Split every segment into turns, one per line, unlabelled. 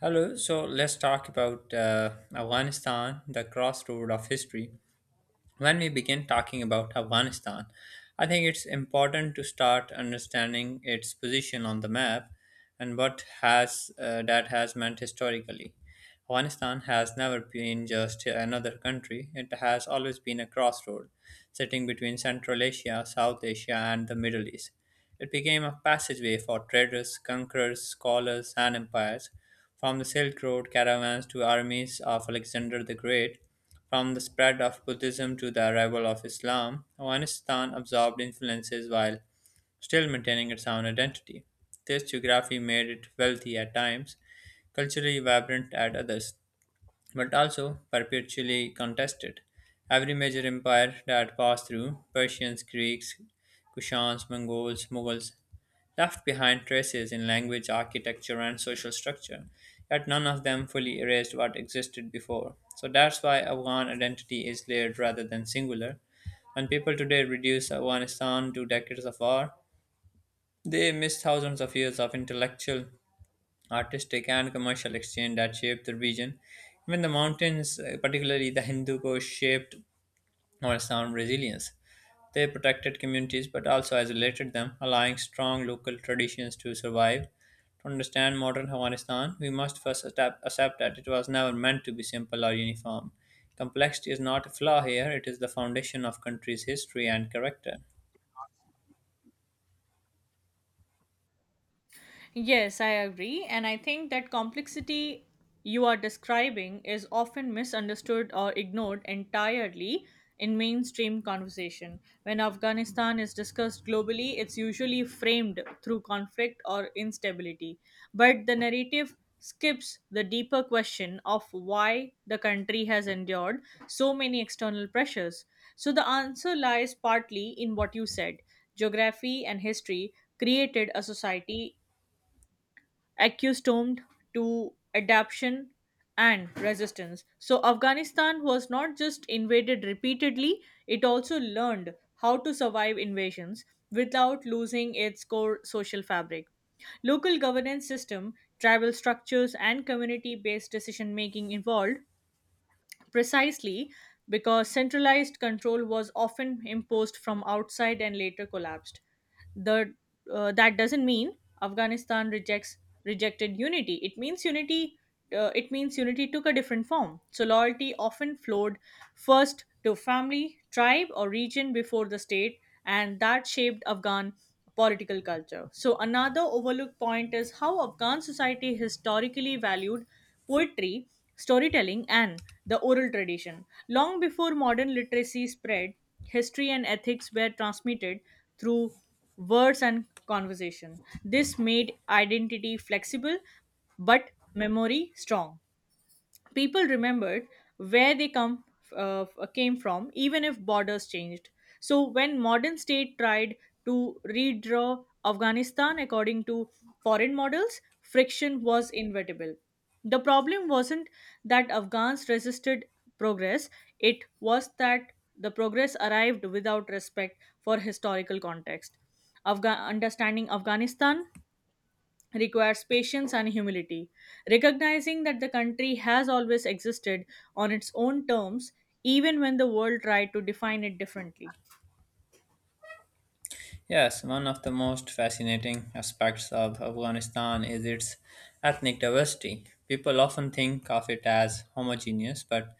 Hello, so let's talk about Afghanistan, the crossroad of history. When we begin talking about Afghanistan, I think it's important to start understanding its position on the map and what has that has meant historically. Afghanistan has never been just another country. It has always been a crossroad, sitting between Central Asia, South Asia, and the Middle East. It became a passageway for traders, conquerors, scholars, and empires, from the Silk Road caravans to armies of Alexander the Great, from the spread of Buddhism to the arrival of Islam. Afghanistan absorbed influences while still maintaining its own identity. This geography made it wealthy at times, culturally vibrant at others, but also perpetually contested. Every major empire that passed through Persians, Greeks, Kushans, Mongols, Mughals left behind traces in language, architecture, and social structure, yet none of them fully erased what existed before. So that's why Afghan identity is layered rather than singular. When people today reduce Afghanistan to decades of war, they miss thousands of years of intellectual, artistic, and commercial exchange that shaped the region. Even the mountains, particularly the Hindu Kush, shaped Afghanistan's resilience. They protected communities but also isolated them, allowing strong local traditions to survive. To understand modern Afghanistan, we must first accept that it was never meant to be simple or uniform. Complexity is not a flaw here, it is the foundation of country's history and character.
Yes, I agree. And I think that complexity you are describing is often misunderstood or ignored entirely in mainstream conversation. When Afghanistan is discussed globally, it's usually framed through conflict or instability. But the narrative skips the deeper question of why the country has endured so many external pressures. So the answer lies partly in what you said. Geography and history created a society accustomed to adaptation and resistance. So, Afghanistan was not just invaded repeatedly, it also learned how to survive invasions without losing its core social fabric. Local governance system, tribal structures, and community based decision making evolved precisely because centralized control was often imposed from outside and later collapsed. The, that doesn't mean Afghanistan rejects rejected unity. It means unity took a different form. So loyalty often flowed first to family, tribe, or region before the state, and that shaped Afghan political culture. So another overlooked point is how Afghan society historically valued poetry, storytelling, and the oral tradition. Long before modern literacy spread, history and ethics were transmitted through words and conversation. This made identity flexible but memory strong, people remembered where they come uh, came from even if borders changed. So when modern state tried to redraw afghanistan according to foreign models, friction was inevitable. The problem wasn't that afghans resisted progress, it was that the progress arrived without respect for historical context. Understanding afghanistan requires patience and humility. Recognizing that the country has always existed on its own terms, even when the world tried to define it differently.
Yes, one of the most fascinating aspects of Afghanistan is its ethnic diversity. People often think of it as homogeneous, but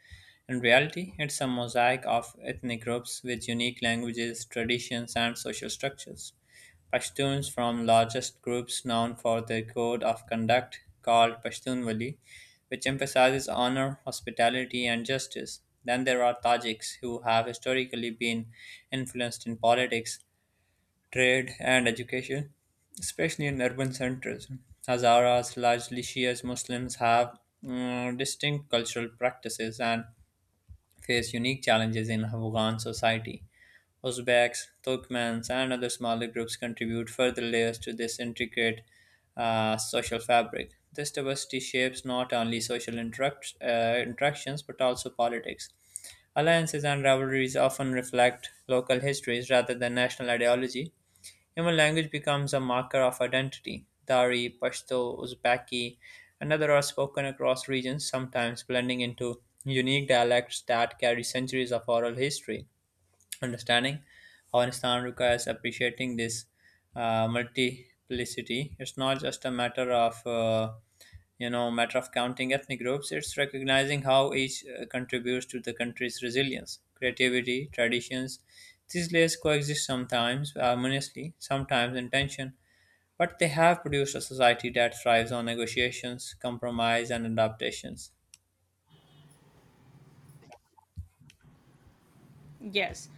in reality, it's a mosaic of ethnic groups with unique languages, traditions, and social structures. Pashtuns from largest groups known for their code of conduct called Pashtunwali, which emphasizes honor, hospitality, and justice. Then there are Tajiks, who have historically been influenced in politics, trade, and education, especially in urban centers. Hazaras, largely Shia Muslims, have distinct cultural practices and face unique challenges in Afghan society. Uzbeks, Turkmens, and other smaller groups contribute further layers to this intricate social fabric. This diversity shapes not only interactions but also politics. Alliances and rivalries often reflect local histories rather than national ideology. Human language becomes a marker of identity. Dari, Pashto, Uzbeki, and others are spoken across regions, sometimes blending into unique dialects that carry centuries of oral history. Understanding Afghanistan requires appreciating this multiplicity. It's not just a matter of matter of counting ethnic groups. It's recognizing how each contributes to the country's resilience, creativity, traditions. These layers coexist, sometimes harmoniously, sometimes in tension, but they have produced a society that thrives on negotiations, compromise, and adaptations.
Yes,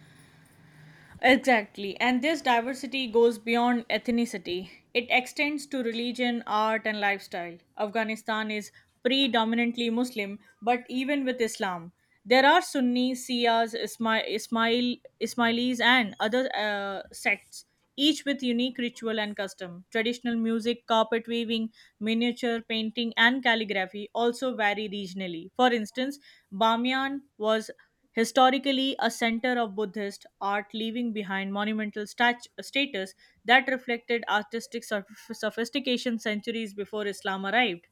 exactly. And this diversity goes beyond ethnicity, it extends to religion, art, and lifestyle. Afghanistan is predominantly Muslim, but even with Islam, there are Sunni, Shias, Ismailis, and other sects, each with unique ritual and custom. Traditional music, carpet weaving, miniature painting, and calligraphy also vary regionally. For instance, Bamiyan was historically a center of Buddhist art, leaving behind monumental status that reflected artistic sophistication centuries before Islam arrived.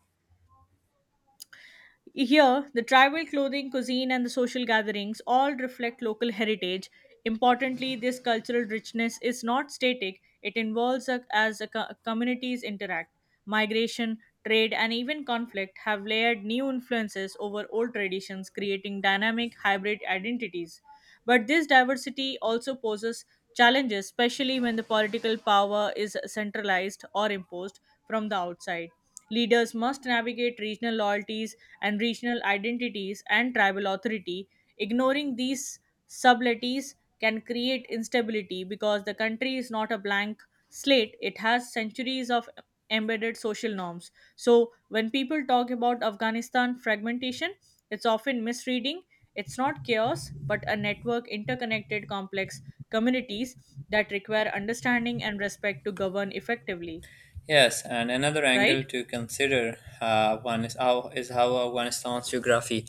Here, the tribal clothing, cuisine, and the social gatherings all reflect local heritage. Importantly, this cultural richness is not static, it involves as communities interact. Migration, trade, and even conflict have layered new influences over old traditions, creating dynamic hybrid identities. But this diversity also poses challenges, especially when the political power is centralized or imposed from the outside. Leaders must navigate regional loyalties and regional identities and tribal authority. Ignoring these subtleties can create instability because the country is not a blank slate, it has centuries of embedded social norms. So, when people talk about Afghanistan fragmentation, it's often misreading. It's not chaos, but a network interconnected complex communities that require understanding and respect to govern effectively,
Yes, and another angle
right?
to consider, one is how Afghanistan's geography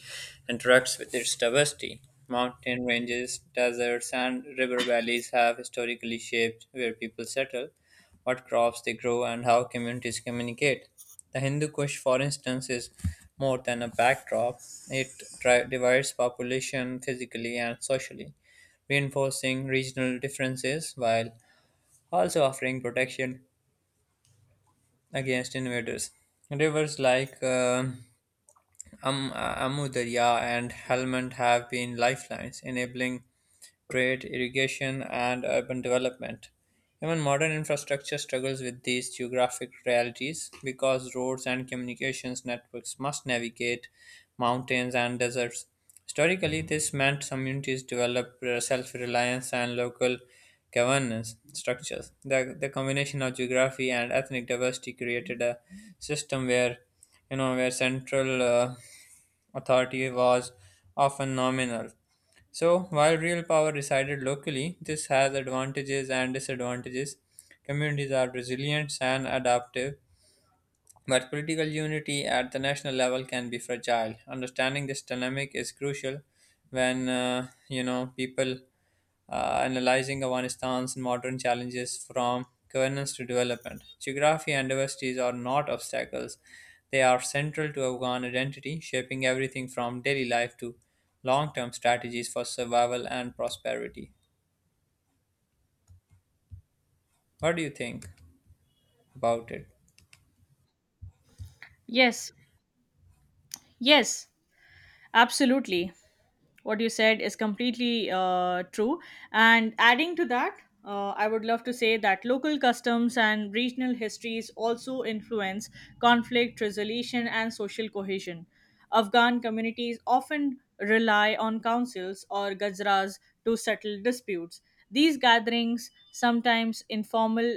interacts with its diversity. Mountain ranges, deserts, and river valleys have historically shaped where people settle, what crops they grow, and how communities communicate. The Hindu Kush, for instance, is more than a backdrop; it divides population physically and socially, reinforcing regional differences while also offering protection against invaders. Rivers like Amudarya and Helmand have been lifelines, enabling trade, irrigation, and urban development. Even modern infrastructure struggles with these geographic realities because roads and communications networks must navigate mountains and deserts. Historically, this meant communities developed self reliance and local governance structures. The combination of geography and ethnic diversity created a system where where central authority was often nominal, so while real power resided locally, this has advantages and disadvantages. Communities are resilient and adaptive, but political unity at the national level can be fragile. Understanding this dynamic is crucial when people analyzing Afghanistan's modern challenges from governance to development. Geography and diversities are not obstacles, they are central to Afghan identity, shaping everything from daily life to long term strategies for survival and prosperity. What do you think about it?
Yes, yes, absolutely. What you said is completely true. And adding to that, I would love to say that local customs and regional histories also influence conflict resolution and social cohesion. Afghan communities often rely on councils or gajras to settle disputes. These gatherings, sometimes informal,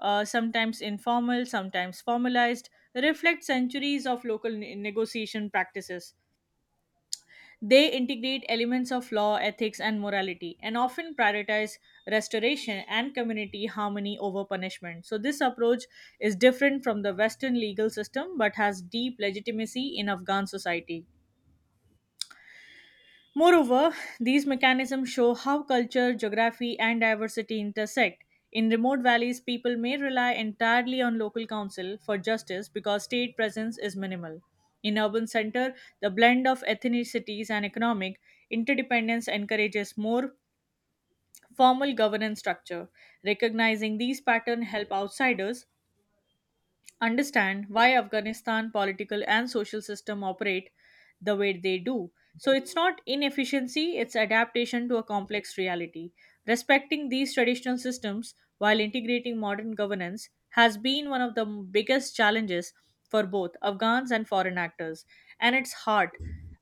uh, sometimes informal, sometimes formalized, reflect centuries of local negotiation practices. They integrate elements of law, ethics, and morality, and often prioritize restoration and community harmony over punishment. So, this approach is different from the Western legal system but has deep legitimacy in Afghan society. Moreover, these mechanisms show how culture, geography, and diversity intersect. In remote valleys, people may rely entirely on local council for justice because state presence is minimal. In urban center, the blend of ethnicities and economic interdependence encourages more formal governance structure. Recognizing these patterns help outsiders understand why Afghanistan political and social system operate the way they do. So it's not inefficiency, it's adaptation to a complex reality. Respecting these traditional systems while integrating modern governance has been one of the biggest challenges for both Afghans and foreign actors. And it's hard.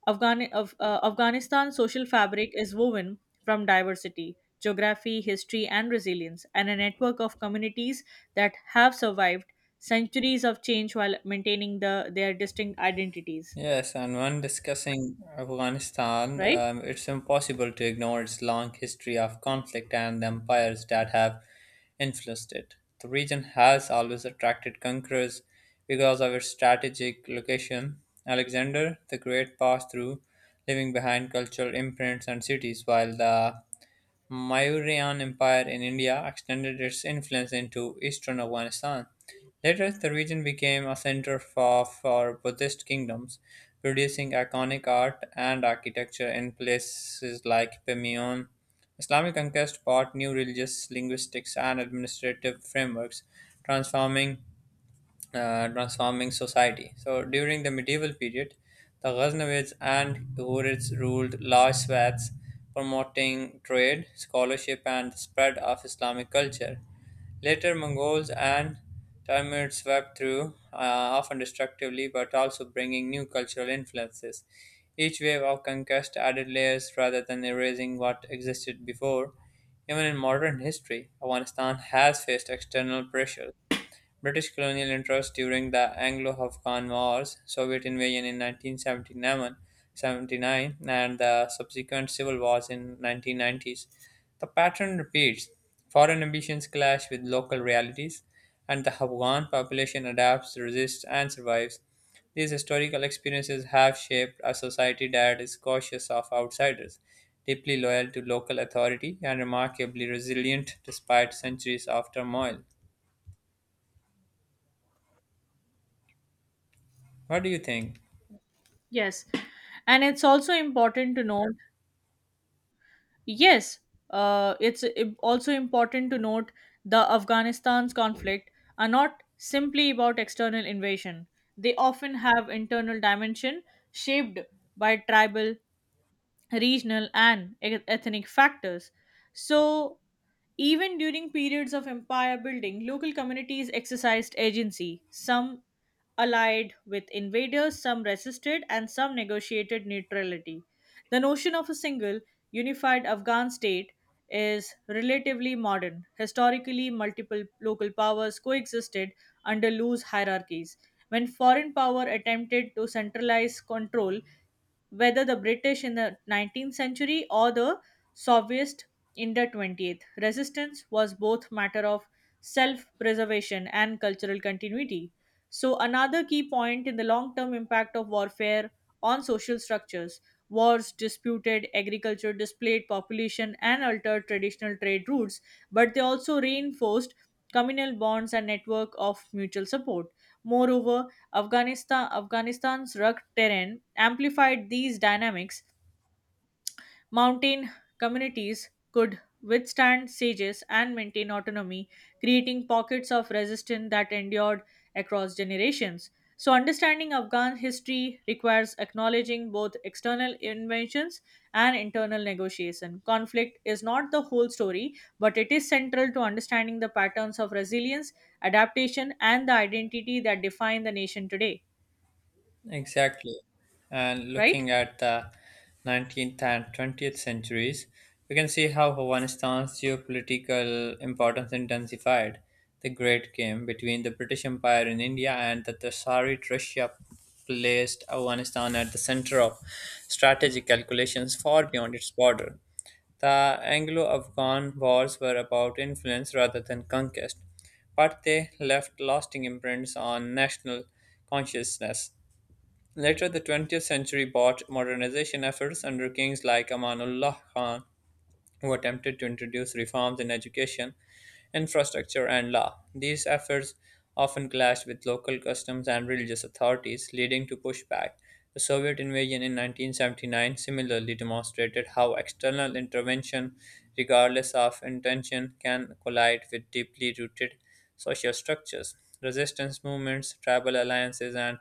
Afghanistan's social fabric is woven from diversity, geography, history, and resilience, and a network of communities that have survived centuries of change while maintaining their distinct identities.
Yes, and when discussing Afghanistan,
Right?
it's impossible to ignore its long history of conflict and the empires that have influenced it. The region has always attracted conquerors because of its strategic location. Alexander the Great passed through, leaving behind cultural imprints and cities, while the Mauryan Empire in India extended its influence into eastern Afghanistan. Later, the region became a center for Buddhist kingdoms, producing iconic art and architecture in places like Pamiyan. Islamic conquest brought new religious, linguistics, and administrative frameworks, transforming transforming society. So during the medieval period, the Ghaznavids and Ghurids ruled large swaths, promoting trade, scholarship, and the spread of Islamic culture. Later, Mongols and Timurids swept through, often destructively, but also bringing new cultural influences. Each wave of conquest added layers rather than erasing what existed before. Even in modern history, Afghanistan has faced external pressures, British colonial interest during the Anglo-Afghan Wars, Soviet invasion in nineteen seventy nine, and the subsequent civil wars in 1990s. The pattern repeats. Foreign ambitions clash with local realities, and the Afghan population adapts, resists, and survives. These historical experiences have shaped a society that is cautious of outsiders, deeply loyal to local authority, and remarkably resilient despite centuries of turmoil. What do you think?
Yes. And it's also important to note Yes, it's im- Also important to note, the Afghanistan's conflict are not simply about external invasion. They often have internal dimension shaped by tribal, regional, and ethnic factors. So even during periods of empire building, local communities exercised agency. Some allied with invaders, some resisted, and some negotiated neutrality. The notion of a single, unified Afghan state is relatively modern. Historically, multiple local powers coexisted under loose hierarchies. When foreign power attempted to centralize control, whether the British in the 19th century or the Soviets in the 20th. Resistance was both matter of self-preservation and cultural continuity. So another key point in the long-term impact of warfare on social structures, wars disputed agriculture, displaced population, and altered traditional trade routes, but they also reinforced communal bonds and network of mutual support. Moreover, Afghanistan's rugged terrain amplified these dynamics. Mountain communities could withstand sieges and maintain autonomy, creating pockets of resistance that endured across generations. So, understanding Afghan history requires acknowledging both external inventions and internal negotiation. Conflict is not the whole story, but it is central to understanding the patterns of resilience, adaptation, and the identity that define the nation today,
Exactly. And
right?
looking at the 19th and 20th centuries, we can see how Afghanistan's geopolitical importance intensified. The Great Game between the British Empire in India and the Tsarist Russia placed Afghanistan at the center of strategic calculations far beyond its border. The Anglo Afghan wars were about influence rather than conquest, but they left lasting imprints on national consciousness. Later, the 20th century brought modernization efforts under kings like Amanullah Khan, who attempted to introduce reforms in education, infrastructure, and law. These efforts often clashed with local customs and religious authorities, leading to pushback. The Soviet invasion in 1979 similarly demonstrated how external intervention, regardless of intention, can collide with deeply rooted social structures. Resistance movements, tribal alliances, and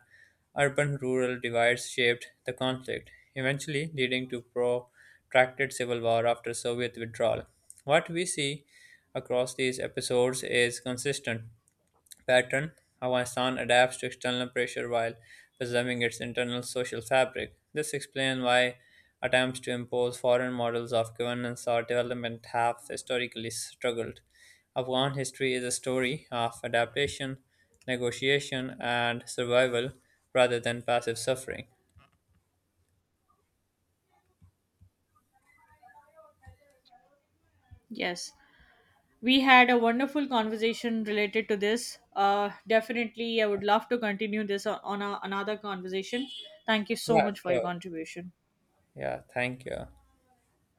urban rural divides shaped the conflict, eventually leading to protracted civil war after Soviet withdrawal. What we see across these episodes is consistent pattern how a sound adapts to external pressure while preserving its internal social fabric. This explains why attempts to impose foreign models of governance or development have historically struggled. Afghan history is a story of adaptation, negotiation, and survival rather than passive suffering.
Yes, we had a wonderful conversation related to this. Definitely, I would love to continue this on another conversation. Thank you so
Yeah,
much for your
sure.
contribution.
Yeah, thank you.